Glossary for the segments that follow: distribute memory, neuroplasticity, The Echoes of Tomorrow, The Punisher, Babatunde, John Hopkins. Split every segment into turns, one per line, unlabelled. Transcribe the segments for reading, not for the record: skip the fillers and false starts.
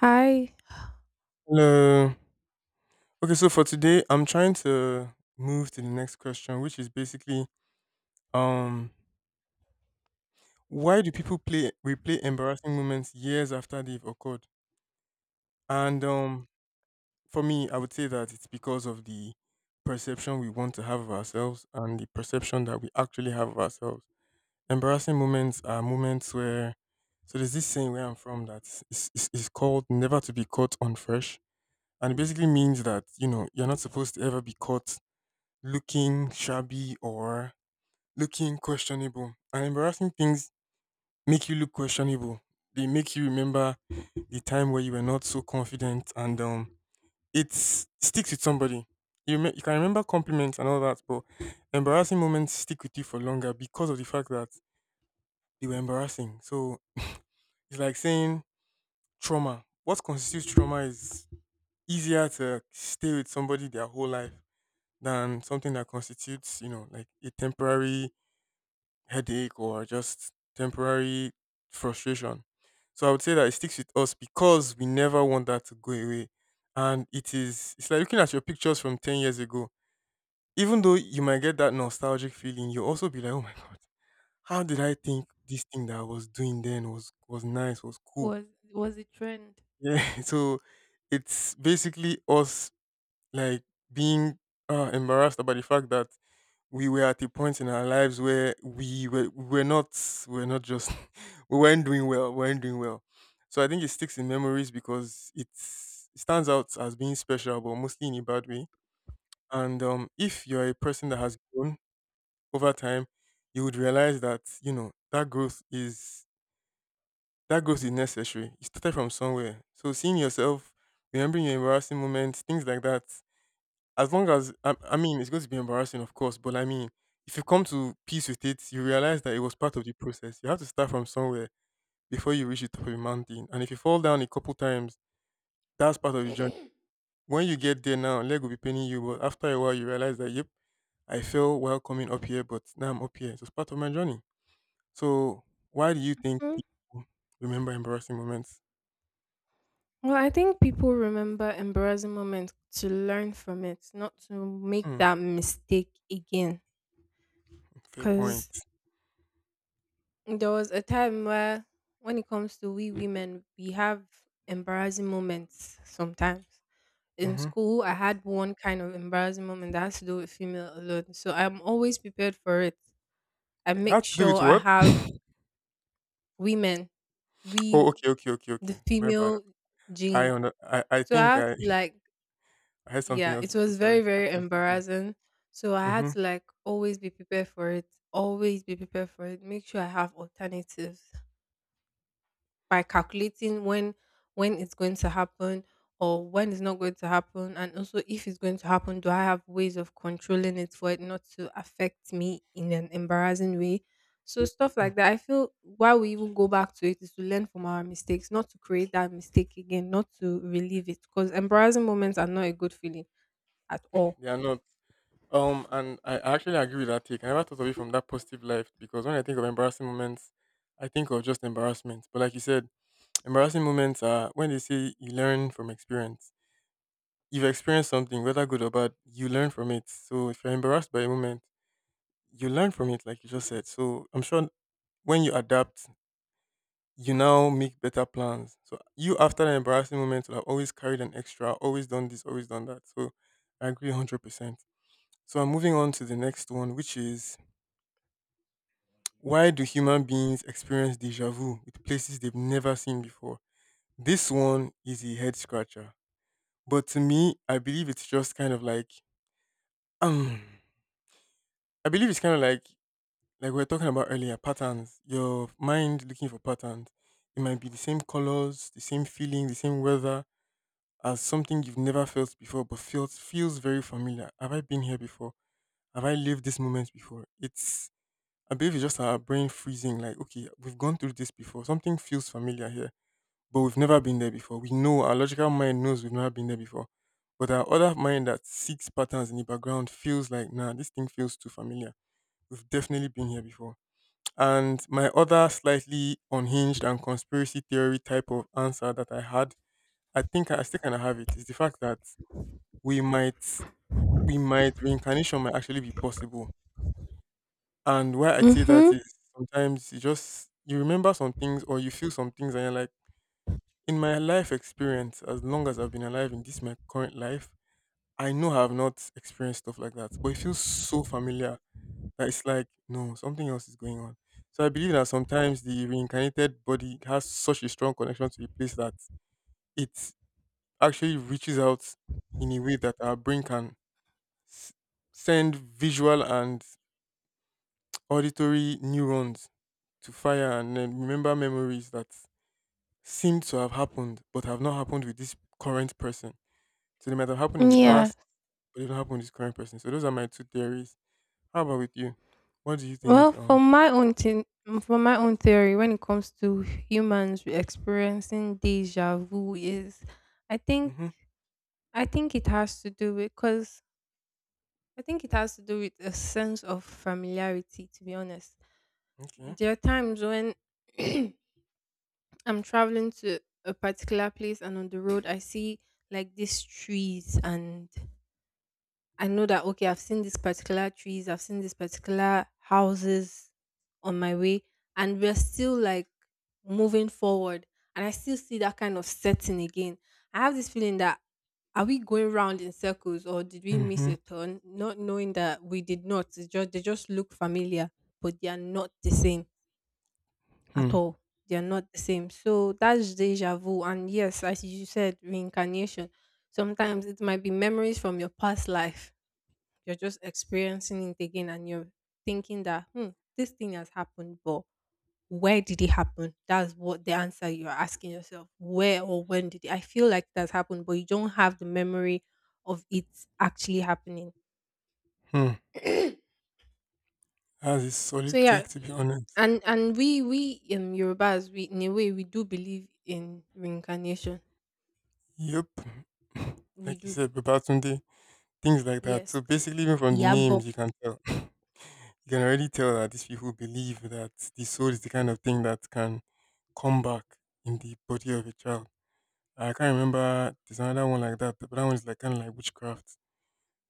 Hi.
Hello. Okay, so for today, I'm trying to move to the next question, which is basically, um, why do people play replay embarrassing moments years after they've occurred? And for me, I would say that it's because of the perception we want to have of ourselves and the perception that we actually have of ourselves. Embarrassing moments are moments where, so there's this saying where I'm from that is called never to be caught on fresh. And it basically means that, you're not supposed to ever be caught looking shabby or looking questionable. And embarrassing things make you look questionable. They make you remember the time where you were not so confident, and it sticks with somebody. You can remember compliments and all that, but embarrassing moments stick with you for longer because of the fact that they were embarrassing. So it's like saying trauma. What constitutes trauma is easier to stay with somebody their whole life than something that constitutes, like a temporary headache or just temporary frustration. So I would say that it sticks with us because we never want that to go away. And it's like looking at your pictures from 10 years ago. Even though you might get that nostalgic feeling, you'll also be like, oh my God, how did I think this thing that I was doing then was nice, was cool?
Was was a trend.
Yeah. So it's basically us like being embarrassed about the fact that we were at a point in our lives where we were not just we weren't doing well. We weren't doing well. So I think it sticks in memories because it stands out as being special, but mostly in a bad way. And if you're a person that has grown over time, you would realize that you know that growth is necessary. It started from somewhere. So seeing yourself, remembering your embarrassing moments, things like that, as long as I mean it's going to be embarrassing, of course, but I mean, if you come to peace with it, you realize that it was part of the process. You have to start from somewhere before you reach the top of the mountain. And if you fall down a couple times, that's part of the journey. When you get there, now leg will be paining you, but after a while you realize that, yep, I fell while coming up here, but now I'm up here, so it's part of my journey. So why do you think
Hmm.
people remember embarrassing moments?
Well, I think people remember embarrassing moments to learn from it, not to make
Hmm,
that mistake again.
fair point.
Because there was a time where, when it comes to we women, we have embarrassing moments sometimes. In
Mm-hmm.
school, I had one kind of embarrassing moment that has to do with female alone. So I'm always prepared for it. I
That has
make
to do
sure
with
I
what?
have. Women,
Oh,
we,
okay, okay, okay,
the
okay, my bad.
female
I
gene.
under I, I
So
think
I have to
I
like.
I heard something
Yeah,
else
it
before.
was
Sorry.
very, very
Okay, keep going.
embarrassing. So I had
Mm-hmm.
to like always be prepared for it. Always be prepared for it. Make sure I have alternatives by calculating when it's going to happen or when it's not going to happen. And also if it's going to happen, do I have ways of controlling it for it not to affect me in an embarrassing way? So stuff like that. I feel why we even go back to it is to learn from our mistakes, not to create that mistake again, not to relive it. Because embarrassing moments are not a good feeling at all.
They are not. And I actually agree with that take. I never thought of it from that positive life because when I think of embarrassing moments, I think of just embarrassment. But like you said, embarrassing moments are when they say you learn from experience. You've experienced something, whether good or bad, you learn from it. So if you're embarrassed by a moment, you learn from it, like you just said. So I'm sure when you adapt you now make better plans. So you after an embarrassing moment will have always carried an extra, always done this, always done that. So I agree 100%. So I'm moving on to the next one, which is, why do human beings experience deja vu with places they've never seen before? This one is a head scratcher. But to me, I believe it's just kind of like um I believe it's kind of like we were talking about earlier, patterns. Your mind looking for patterns. It might be the same colors, the same feeling, the same weather, as something you've never felt before but feels very familiar. Have I been here before? Have I lived this moment before? It's I believe it's just our brain freezing, like, okay, we've gone through this before. Something feels familiar here, but we've never been there before. We know our logical mind knows we've never been there before. But our other mind that seeks patterns in the background feels like, nah, this thing feels too familiar. We've definitely been here before. And my other slightly unhinged and conspiracy theory type of answer that I had, I think I still kind of have it, is the fact that we might we might reincarnation might actually be possible. And why I say that
Mhm.
is, sometimes you just you remember some things or you feel some things and you're like, in my life experience, as long as I've been alive in this my current life, I know I have not experienced stuff like that. But it feels so familiar that it's like, no, something else is going on. So I believe that sometimes the reincarnated body has such a strong connection to a place that it actually reaches out in a way that our brain can s- send visual and auditory neurons to fire and then remember memories that seem to have happened but have not happened with this current person. So they might have happened in the
Yeah.
past, but they don't happen with this current person. So those are my two theories. How about with you? What do you
Well,
think?
from my own thing, from my own theory, when it comes to humans experiencing deja vu, is I think
Hmm.
I think it has to do with because I think it has to do with a sense of familiarity. To be honest,
Okay.
there are times when I'm traveling to a particular place and on the road I see like these trees and I know that, okay, I've seen these particular trees, I've seen these particular houses on my way, and we're still like moving forward. And I still see that kind of setting again. I have this feeling that, are we going round in circles or did we miss
Mm-hmm.
a turn? Not knowing that we did not. It's just they just look familiar, but they are not the same at
Hmm.
all. They are not the same. So that's deja vu. And yes, as you said, reincarnation. Sometimes it might be memories from your past life you're just experiencing it again and you're thinking that, hmm, this thing has happened, but where did it happen? That's what the answer you're asking yourself. Where or when did it? I feel like that's happened, but you don't have the memory of it actually happening.
Hmm. That's a
So
solid
yeah,
take, to be honest.
and we Yorubas, we in a way we do believe in reincarnation.
Yep.
We
Like you
do,
said, Babatunde, things like that. So
yes.
basically, even from the
Yeah, but.
names, you can tell. You can already tell that these people believe that the soul is the kind of thing that can come back in the body of a child. I can't remember, there's another one like that, but that one is like kind of like witchcraft,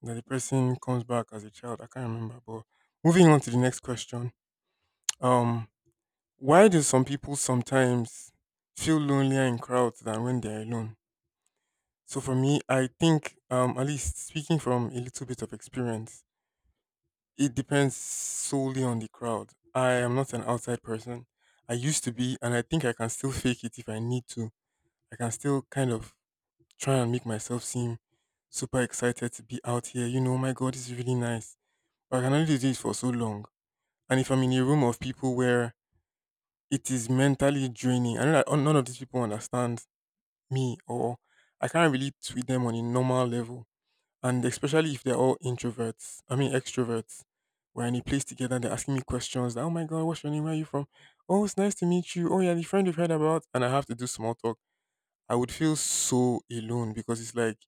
that the person comes back as a child. I can't remember. But moving on to the next question, um, why do some people sometimes feel lonelier in crowds than when they're alone? So for me, I think, at least speaking from a little bit of experience, it depends solely on the crowd. I am not an outside person. I used to be, and I think I can still fake it if I need to. I can still kind of try and make myself seem super excited to be out here. You know, "Oh my God, it's really nice." But I can only do it for so long. And if I'm in a room of people where it is mentally draining, I know that none of these people understand me, or I can't relate with them on a normal level. And especially if they're all introverts, I mean extroverts, we're in a place together and they're asking me questions. Like, oh my God, what's your name? Where are you from? Oh, it's nice to meet you. Oh, yeah, the friend you've heard about. And I have to do small talk. I would feel so alone because it's like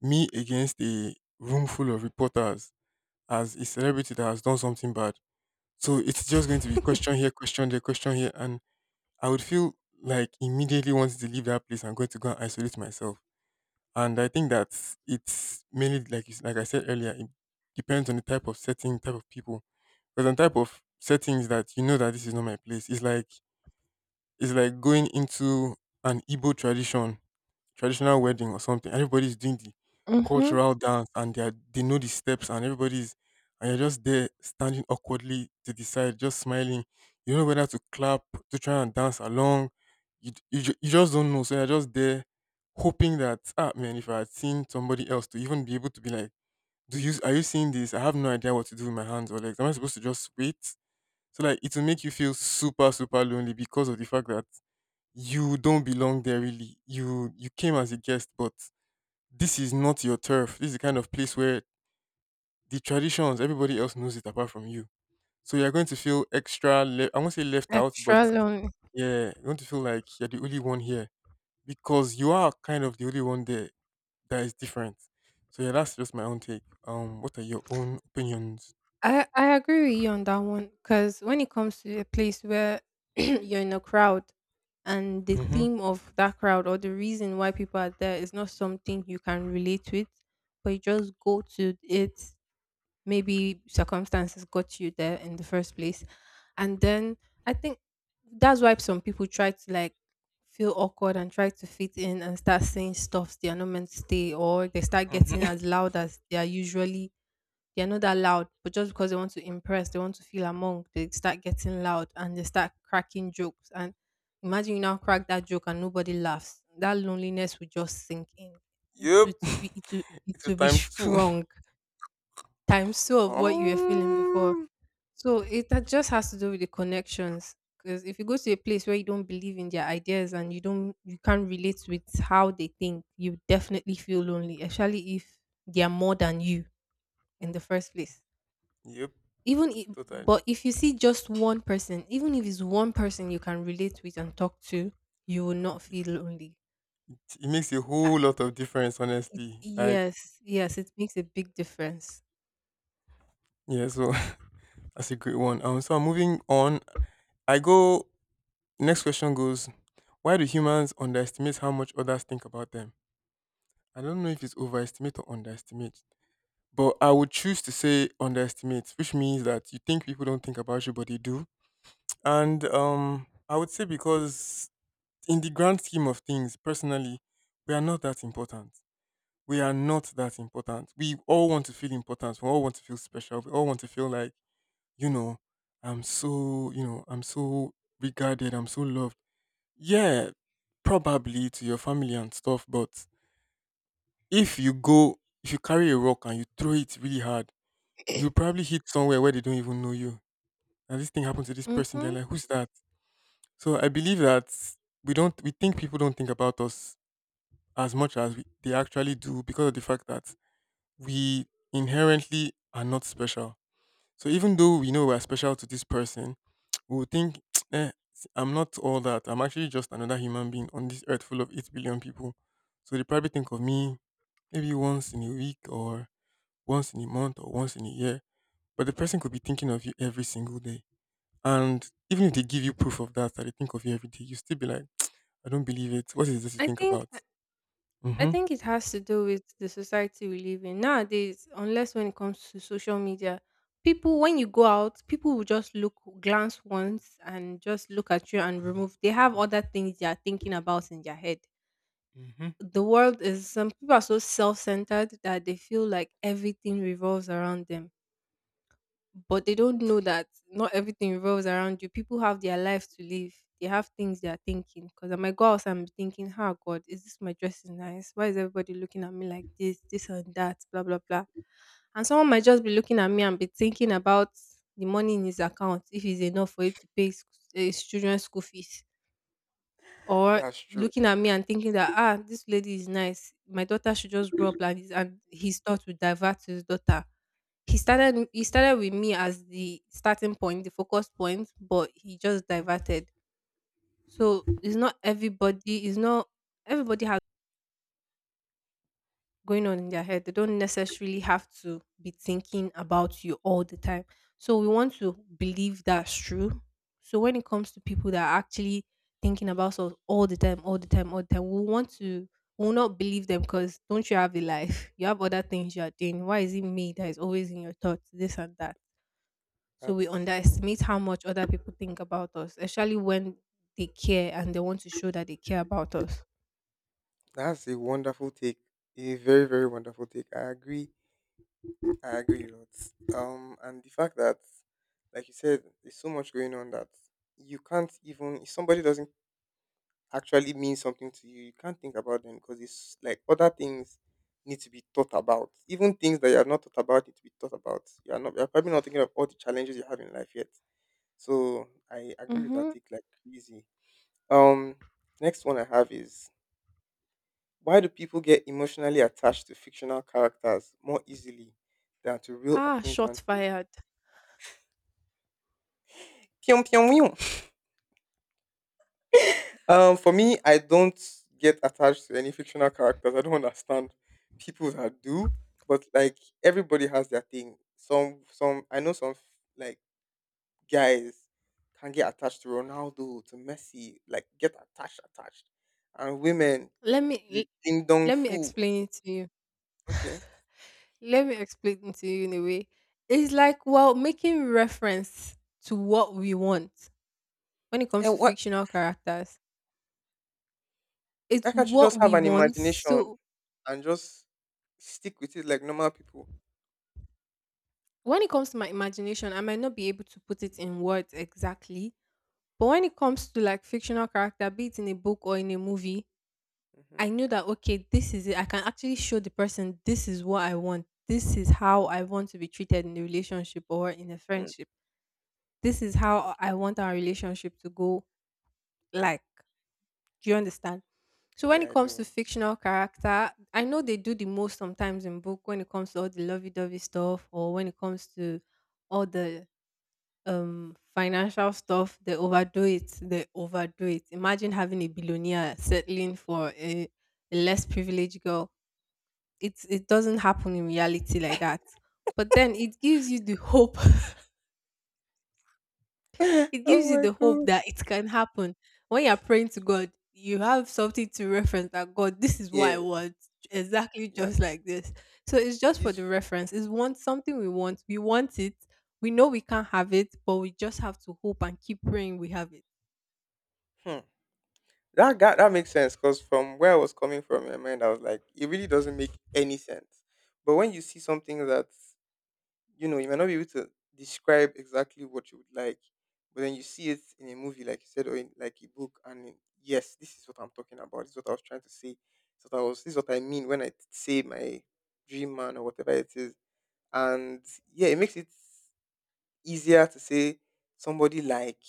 me against a room full of reporters as a celebrity that has done something bad. So it's just going to be question here, question there, question here. And I would feel like immediately wanting to leave that place. I'm going to go and isolate myself. And I think that it's mainly like like I said earlier, it depends on the type of setting, type of people. There's a type of settings that you know that this is not my place. It's like going into an Igbo traditional wedding or something. Everybody's doing the
Mm-hmm.
cultural dance and they know the steps and everybody's and you're just there standing awkwardly to the side, just smiling. You don't know whether to clap, to try and dance along. You just don't know. So you're just there hoping that, ah man, if I had seen somebody else to even be able to be like, do you are you seeing this? I have no idea what to do with my hands or legs. Am I supposed to just wait? So like, it will make you feel super super lonely because of the fact that you don't belong there really. You came as a guest, but this is not your turf. This is the kind of place where the traditions everybody else knows it apart from you. So you're going to feel extra. I won't say left out, but
Extra long.
yeah, you're going to feel like you're the only one here because you are kind of the only one there that is different. So yeah, that's just my own take. What are your own opinions?
I agree with you on that one because when it comes to a place where you're in a crowd and the
Mm-hmm.
theme of that crowd or the reason why people are there is not something you can relate with, but you just go to it. Maybe circumstances got you there in the first place, and then I think that's why some people try to like feel awkward and try to fit in and start saying stuff they are not meant to say, or they start
Mm-hmm.
getting as loud as they are usually, they're not that loud, but just because they want to impress, they want to feel among, they start getting loud and they start cracking jokes. And imagine you now crack that joke and nobody laughs. That loneliness will just sink in. It
Yep.
it
It's a
will be
times two.
strong. Times two of what you were feeling before.
um,
So it that just has to do with the connections. Because if you go to a place where you don't believe in their ideas and you can't relate with how they think, you definitely feel lonely, especially if they are more than you in the first place.
yep.
Even if,
Totally.
but If you see just one person, even if it's one person you can relate with and talk to, you will not feel lonely.
It makes a whole
And
lot of difference,
it,
honestly. Like,
yes, yes, it makes a big difference.
yeah, so that's a great one. So I'm moving on. I go. Next question goes: why do humans underestimate how much others think about them? I don't know if it's overestimate or underestimate, but I would choose to say underestimate, which means that you think people don't think about you, but they do. And I would say because in the grand scheme of things, personally, we are not that important. We all want to feel important. We all want to feel special. We all want to feel like, you know, I'm so, I'm so regarded. I'm so loved. Yeah, probably to your family and stuff. But if you go, if you carry a rock and you throw it really hard, you probably hit somewhere where they don't even know you. And this thing happened to this person. They're
Mm-hmm.
like, who's that? So I believe that we think people don't think about us as much as they actually do because of the fact that we inherently are not special. So even though we know we're special to this person, we would think, eh, I'm not all that. I'm actually just another human being on this earth full of 8 billion people. So they probably think of me maybe once in a week, or once in a month, or once in a year. But the person could be thinking of you every single day. And even if they give you proof of that, that they think of you every day, you still be like, I don't believe it. What is this you
i
think
think
about?
i I
Mm-hmm.
think it has to do with the society we live in nowadays. Unless when it comes to social media, people, when you go out, people will just look, glance once and just look at you and remove. They have other things they are thinking about in their head.
Mm-hmm.
The world is, some people are so self-centered that they feel like everything revolves around them. But they don't know that not everything revolves around you. People have their life to live. They have things they are thinking, because I might go outside and be thinking, how, God, is this, my dress is nice, why is everybody looking at me like this and that, blah blah blah. And someone might just be looking at me and be thinking about the money in his account, if it's enough for it to pay his children's school fees, or
That's true.
looking at me and thinking that, ah, this lady is nice, my daughter should just grow up like this, and his thoughts would divert to his daughter. He started with me as the starting point, the focus point, but he just
Mm.
diverted. So it's not everybody. It's not everybody has going on in their head. They don't necessarily have to be thinking about you all the time. So we want to believe that's true. So when it comes to people that are actually thinking about us all the time, all the time, all the time, we want to we will not believe them. Because don't you have a life? You have other things you are doing. Why is it me that is always in your thoughts? This and that. So we
That's
underestimate how much other people think about us, especially when they care and they want to show that they care about us.
That's a wonderful take. A very, very wonderful take. I agree. I agree a lot. And the fact that, like you said, there's so much going on that you can't, even if somebody doesn't actually mean something to you, you can't think about them because it's like other things need to be thought about. Even things that you have not thought about need to be thought about. You are not. You're probably not thinking of all the challenges you have in life yet. So I agree with that
Mm-hmm.
take like crazy. Um, next one I have is: why do people get emotionally attached to fictional characters more easily than to real
Ah, shot
acquaintances?
fired.
Pyong pyong meow. For me, I don't get attached to any fictional characters. I don't understand people that do, but like everybody has their thing. Some I know, some like guys they attached and then
Let
l-
me
in
Let me
who
explain it to you.
okay
Let me explain it to you in a way. It's like, well, making reference to what we want when it comes
and
to
what
fictional characters.
I
It's
can
what we want.
on
So
and just smart people.
when it comes to my imagination, I might not be able to put it in words exactly. But when it comes to like fictional character, be it in a book or in a movie,
Mhm.
I know that, okay, this is it. I can actually show the person this is what I want. This is how I want to be treated in a relationship or in a
Mm.
friendship. This is how
Okay, that
I
makes
want our
sense.
relationship to go. Like, do you understand? So when
Yeah,
it
I
comes
do.
to fictional character, I know they do the most sometimes in book when it comes to all the lovey-dovey stuff or when it comes to all the financial stuff, they overdo it. They overdo it. Imagine having a billionaire settling for a less privileged girl. It doesn't happen in reality like that. But then it gives you the hope. It
Oh
gives you
my
the hope
god.
that it can happen. When you're praying to God, you have something to reference that, God, this is what
Yeah,
I want, exactly
yes.
just like this. So it's just for
This.
the reference. It's one something we want. We want it. We know we can't have it, but we just have to hope and keep praying we have it.
Hmm. That makes sense, because from where I was coming from in my mind, I was like, it really doesn't make any sense. But when you see something that, you know, you might not be able to describe exactly what you would like, but then you see it in a movie, like you said, or in like a book, and in- yes, say sort of like three masses, and yeah, easier to say somebody like.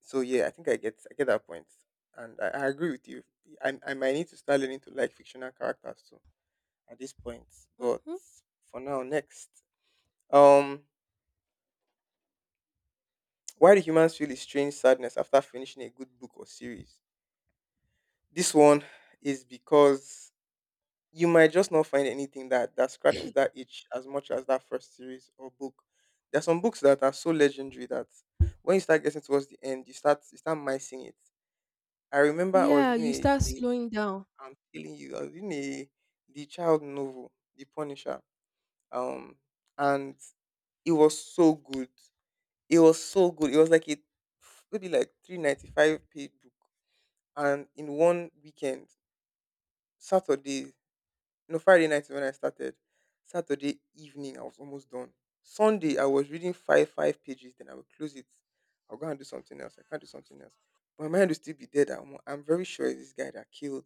So yeah, I think I point, and I you, I might like fictional characters too at this point, but
Mm-hmm.
for now, next, um. Why do humans feel a strange sadness after finishing a good book or series? This one is because you might just not find anything that scratches that itch as much as that first series or book. There are some books that are so legendary that when you start getting towards the end, you start missing it. I remember I was
Yeah,
reading
you start
a.
slowing down.
I'm telling you, I was reading a, the child novel, The Punisher. Um, and it was so good. It was so good. It was like a maybe like 395-page book, and in one weekend, Saturday, no Friday night is when I started. Saturday evening, I was almost done. Sunday, I was reading five pages. Then I will close it. I'll go and do something else. I can't do something else. My mind will still be there. That I'm very sure it's this guy that killed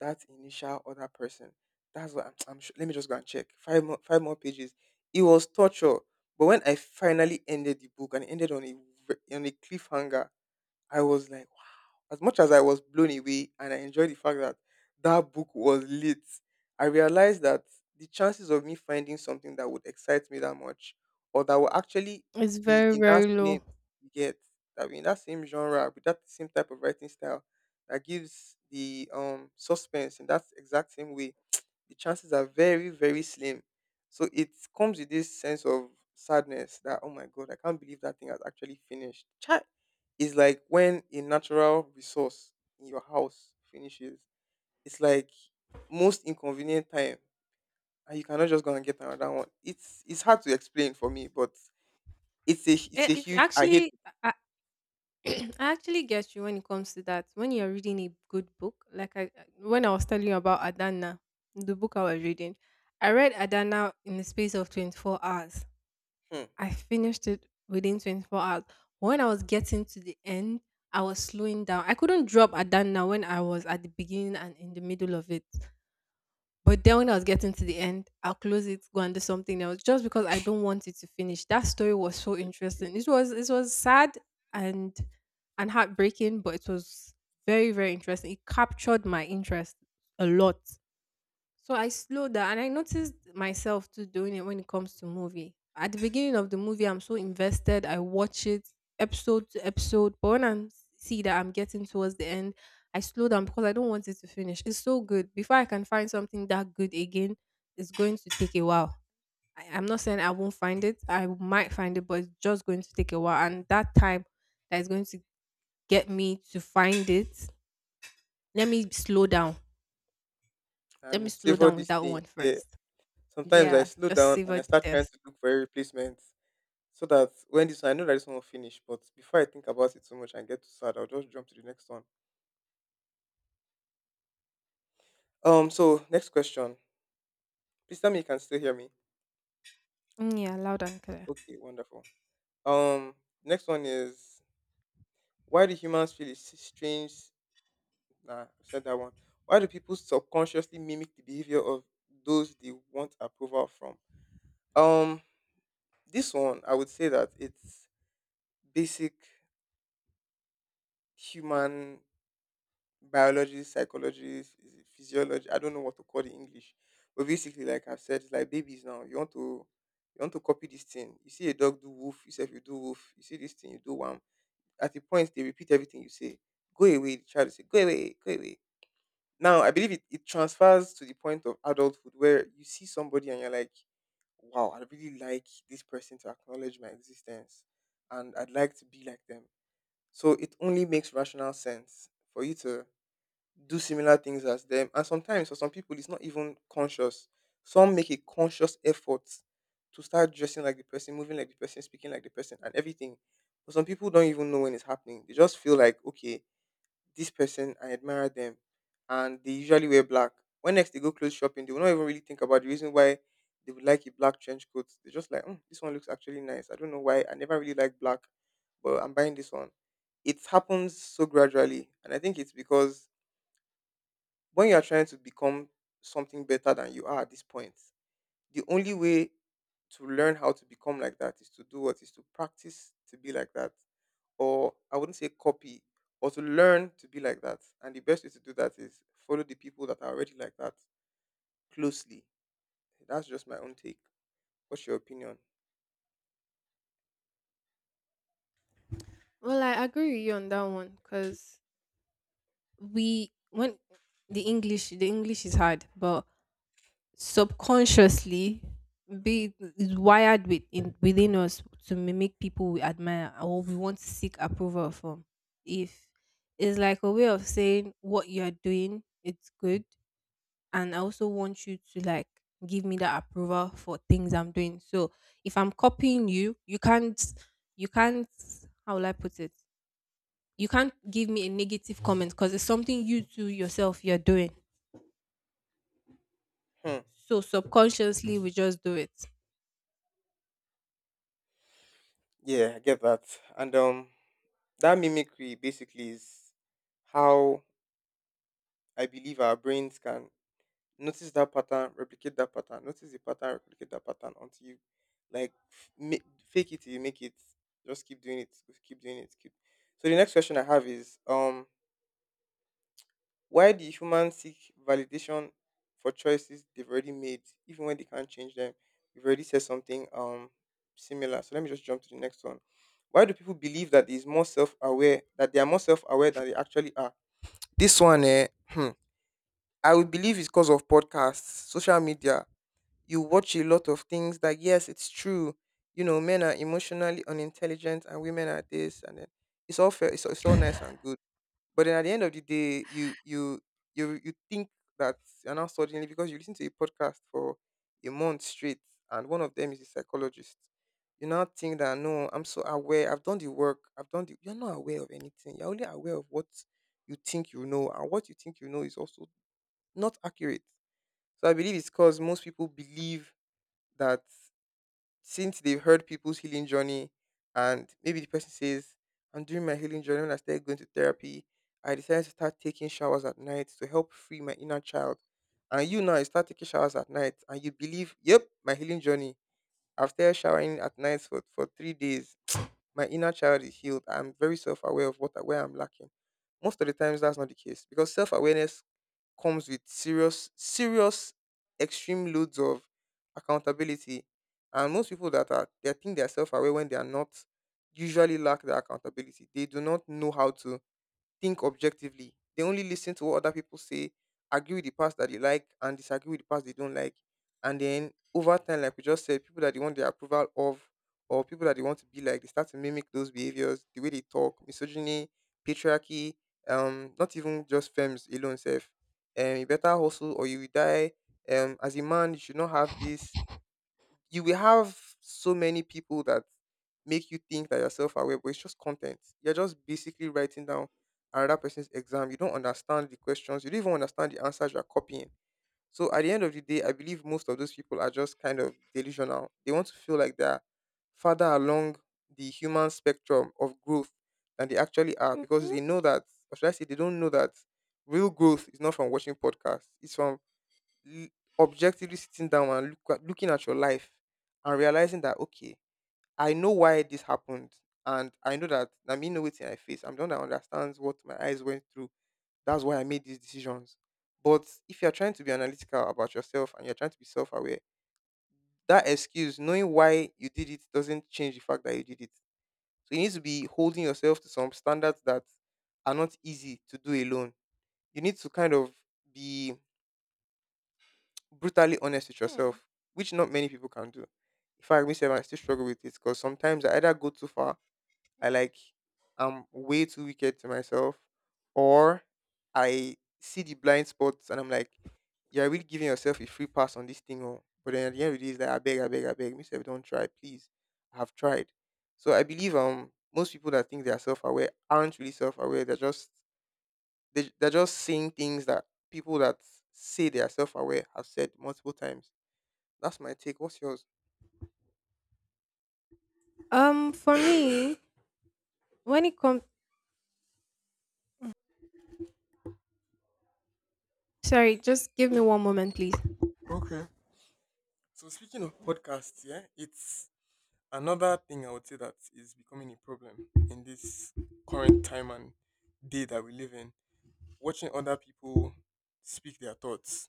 that initial other person. That's what I'm. I'm sure. Let me just go and check. Five more pages. It was torture. But when I finally ended the book and it ended on a v- on a cliffhanger, I was like, wow. As much as I was blown away and I enjoyed the fact that that book was lit, I realized that the chances of me finding something that would excite me that much, or that will actually
It's
be
very,
in that
very
same
low.
get that be in that same genre with that same type of writing style that gives the suspense in that exact same way, the chances are very, very slim. So it comes with this sense of sadness that, oh my God, I can't believe that thing has actually finished. Chai, is like when a natural resource in your house finishes. It's like most inconvenient time, and you cannot just go and get another one. It's hard to explain for me, but it's
It,
a
it's
huge I hate
actually,
it.
I, I actually get you when it comes to that. When you're reading a good book, like, I when I was telling you about Adana, the book I was reading, I read Adana in the space of 24 hours.
Hmm.
I finished it within 24 hours. When I was getting to the end, I was slowing down. I couldn't drop Adana when I was at the beginning and in the middle of it. But then when I was getting to the end, I'll close it, go and do something else, just because I don't want it to finish. That story was so interesting. It was sad and and heartbreaking, but it was very very interesting. It captured my interest a lot. So I slow down and I noticed myself too doing it when it comes to movie. At the beginning of the movie, I'm so invested. I watch it episode to episode. But when I see that I'm getting towards the end, I slow down because I don't want it to finish. It's so good. Before I can find something that good again, it's going to take a while. I'm not saying I won't find it. I might find it, but it's just going to take a while. And that time that is going to get me to find it, let me slow down. Let me
And
slow
savor
down with
this
that
thing.
one
Yeah.
first.
Sometimes I
Yeah,
slow
just
down and
savor
I
the
start trying
test.
to look for a replacement, so that when this I know that this one will finish, but before I think about it too much and get too sad, I'll just jump to the next one. So next question. Please tell me you can still hear me.
Mm, yeah, loud and clear.
Okay, wonderful. Um, next one is: why do humans feel it's strange? Nah, I said that one. Why do people subconsciously mimic the behavior of those they want approval from? Um, this one I would say that it's basic human biology, psychology, phys- physiology. I don't know what to call the English, but basically, like I've said, it's like babies now. You want to copy this thing. You see a dog do woof, you say you do woof. You see this thing, you do one. At the point they repeat everything you say. Go away, the child will say, go away, go away. Now I believe it transfers to the point of adulthood where you see somebody and you're like, wow, I really like this person to acknowledge my existence, and I'd like to be like them. So it only makes rational sense for you to do similar things as them. And sometimes for some people, it's not even conscious. Some make a conscious effort to start dressing like the person, moving like the person, speaking like the person, and everything. But some people don't even know when it's happening. They just feel like, okay, this person, I admire them. And they usually wear black. When next they go clothes shopping, they will not even really think about the reason why they would like a black trench coat. They're just like, "Mm, this one looks actually nice. I don't know why. I never really like black, but I'm buying this one." It happens so gradually. And I think it's because when you are trying to become something better than you are at this point, the only way to learn how to become like that is to do what is to practice to be like that, or I wouldn't say copy, or to learn to be like that. And the best way to do that is follow the people that are already like that closely. That's just my own take. What's your opinion?
Well, I agree with you on that one because we when the English is hard, but subconsciously be is wired within us to mimic people we admire or we want to seek approval from. If it's like a way of saying what you're doing, it's good. And I also want you to like give me that approval for things I'm doing. So if I'm copying you, you can't how will I put it? You can't give me a negative comment because it's something you too yourself you're doing.
Hmm.
So subconsciously we just do it.
Yeah, I get that. And that mimicry basically is how I believe our brains can notice that pattern, replicate that pattern. Notice the pattern, replicate that pattern until you like f- make, fake it till you make it. Just keep doing it. Keep doing it. Keep. So the next question I have is why do humans seek validation for choices they've already made even when they can't change them? We've already said something similar. So let me just jump to the next one. Why do people believe that is more self-aware, that they are more self-aware than they actually are? This one, eh, hmm, I would believe is because of podcasts, social media, you watch a lot of things that yes, it's true. You know, men are emotionally unintelligent and women are this, and then it's all fair, it's all nice and good. But then at the end of the day, you think that you're now suddenly because you listen to a podcast for a month straight and one of them is a psychologist. You now think that no, I'm so aware, I've done the work, I've done the you're not aware of anything. You're only aware of what you think you know, and what you think you know is also not accurate. So I believe it's because most people believe that since they've heard people's healing journey, and maybe the person says, I'm doing my healing journey when I started going to therapy, I decided to start taking showers at night to help free my inner child. And you now you start taking showers at night and you believe, yep, my healing journey. I've started showering at night for 3 days. My inner child is healed. I'm very self aware of what where I'm lacking. Most of the times that's not the case because self awareness comes with serious, serious, extreme loads of accountability. And most people that are, they think they are self aware when they are not, usually lack the accountability. They do not know how to think objectively. They only listen to what other people say, agree with the parts that they like, and disagree with the parts they don't like. And then over time, like we just said, people that they want the approval of or people that they want to be like, they start to mimic those behaviors, the way they talk, misogyny, patriarchy, not even just femmes alone self. You better hustle or you will die. As a man, you should not have this you will have so many people that make you think that you're self-aware, but it's just content. You're just basically writing down another person's exam. You don't understand the questions. You don't even understand the answers you're copying. So at the end of the day, I believe most of those people are just kind of delusional. They want to feel like they're further along the human spectrum of growth than they actually are because
Hmm.
they know that, or should I say, they don't know that real growth is not from watching podcasts. It's from l- objectively sitting down and looking at your life and realizing that okay, I know why this happened, and I know that I mean know it in my face. I'm the one that understands what my eyes went through. That's why I made these decisions. But if you're trying to be analytical about yourself and you're trying to be self-aware, that excuse, knowing why you did it, doesn't change the fact that you did it. So you need to be holding yourself to some standards that are not easy to do alone. You need to kind of be brutally honest with yourself, which not many people can do. In fact, myself, I still struggle with it because sometimes I either go too far, I like, I'm way too wicked to myself, or I see the blind spots and I'm like, you're really giving yourself a free pass on this thing. Oh. But then at the end of the day, it's like, I beg, I beg, I beg, myself, don't try, please. I have tried. So I believe most people that think they are self aware aren't really self aware. They're just saying things that people that say they are self aware have said multiple times that's my take. What's yours?
For me, when it comes, sorry, just give me one moment, please.
Okay. So speaking of podcasts, yeah, it's another thing I would say that is becoming a problem in this current time and day that we live in. Watching other people speak their thoughts.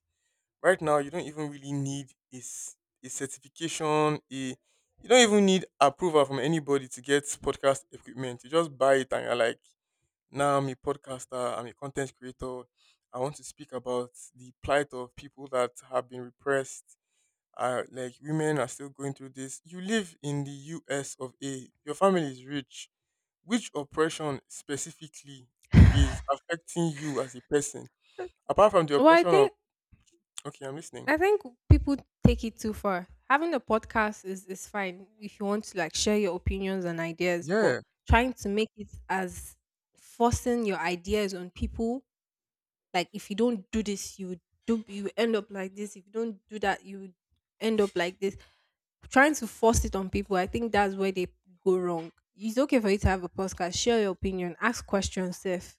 Right now, you don't even really need a certification. A You don't even need approval from anybody to get podcast equipment. You just buy it and you're like, now I'm a podcaster. I'm a content creator. I want to speak about the plight of people that have been repressed are like women are still going through this. You live in the US of A. Your family is rich. Which oppression specifically is affecting you as a person? Apart from the
Well, I
oppression of
think
okay, I'm listening.
I think people take it too far. Having a podcast is fine if you want to like share your opinions and ideas, but
Yeah.
trying to make it as forcing your ideas on people, like if you don't do this, you end up like this. If you don't do that, you end up like this. Trying to force it on people, I think that's where they go wrong. It's okay for you to have a podcast, share your opinion, ask questions, Seth.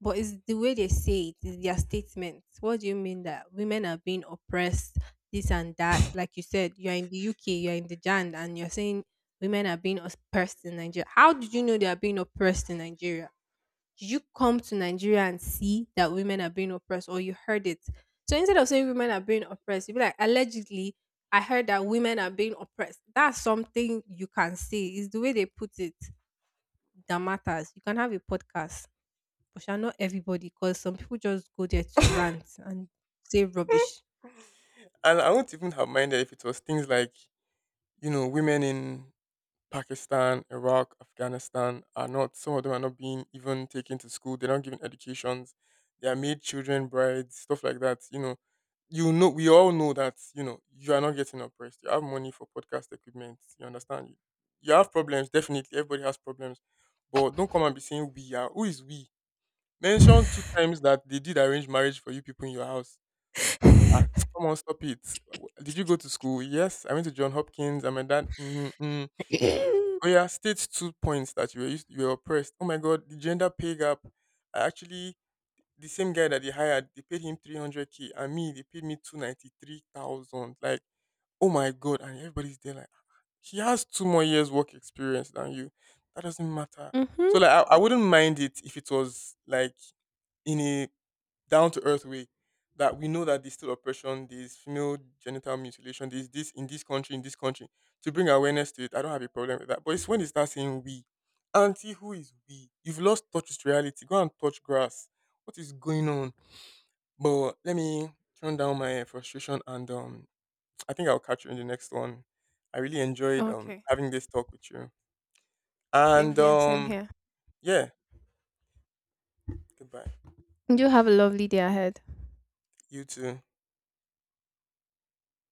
But it's the way they say it, it's their statements. What do you mean that women are being oppressed, this and that? Like you said, you're in the UK, you're in the Jan, and you're saying women are being oppressed in Nigeria. How did you know they are being oppressed in Nigeria? Did you come to Nigeria and see that women are being oppressed or you heard it? So instead of saying women are being oppressed, you'd be like, allegedly, I heard that women are being oppressed. That's something you can say. It's the way they put it that matters. You can have a podcast. But sha not everybody, because some people just go there to rant and say rubbish.
And I wouldn't even have minded if it was things like, women in Pakistan, Iraq, Afghanistan are not, some of them are not being even taken to school. They're not given educations. They are made children, brides, stuff like that. We all know that, you are not getting oppressed. You have money for podcast equipment. You understand? You have problems, definitely. Everybody has problems. But don't come and be saying we are. Who is we? Mention two times that they did arrange marriage for you people in your house. Ah, come on, stop it. Did you go to school? Yes, I went to John Hopkins. And my dad, mm-hmm, mm-hmm. Oh yeah, state two points that you were used, you were oppressed. Oh my god, the gender pay gap. I actually the same guy that they hired, they paid him 300K, and me they paid me 293,000. Like oh my god, and everybody's there like he has two more years work experience than you. That doesn't matter.
Mm-hmm.
So like I wouldn't mind it if it was like in a down to earth way that we know that there's still oppression, there's female genital mutilation, there's this in this country, in this country. To bring awareness to it, I don't have a problem with that. But it's when you start saying we. Auntie, who is we? You've lost touch with reality. Go and touch grass. What is going on? But let me turn down my frustration and I think I'll catch you in the next one. I really enjoyed
Okay.
having this talk with you.
Same
And
here, same here.
yeah, goodbye.
You have a lovely day ahead.
You too.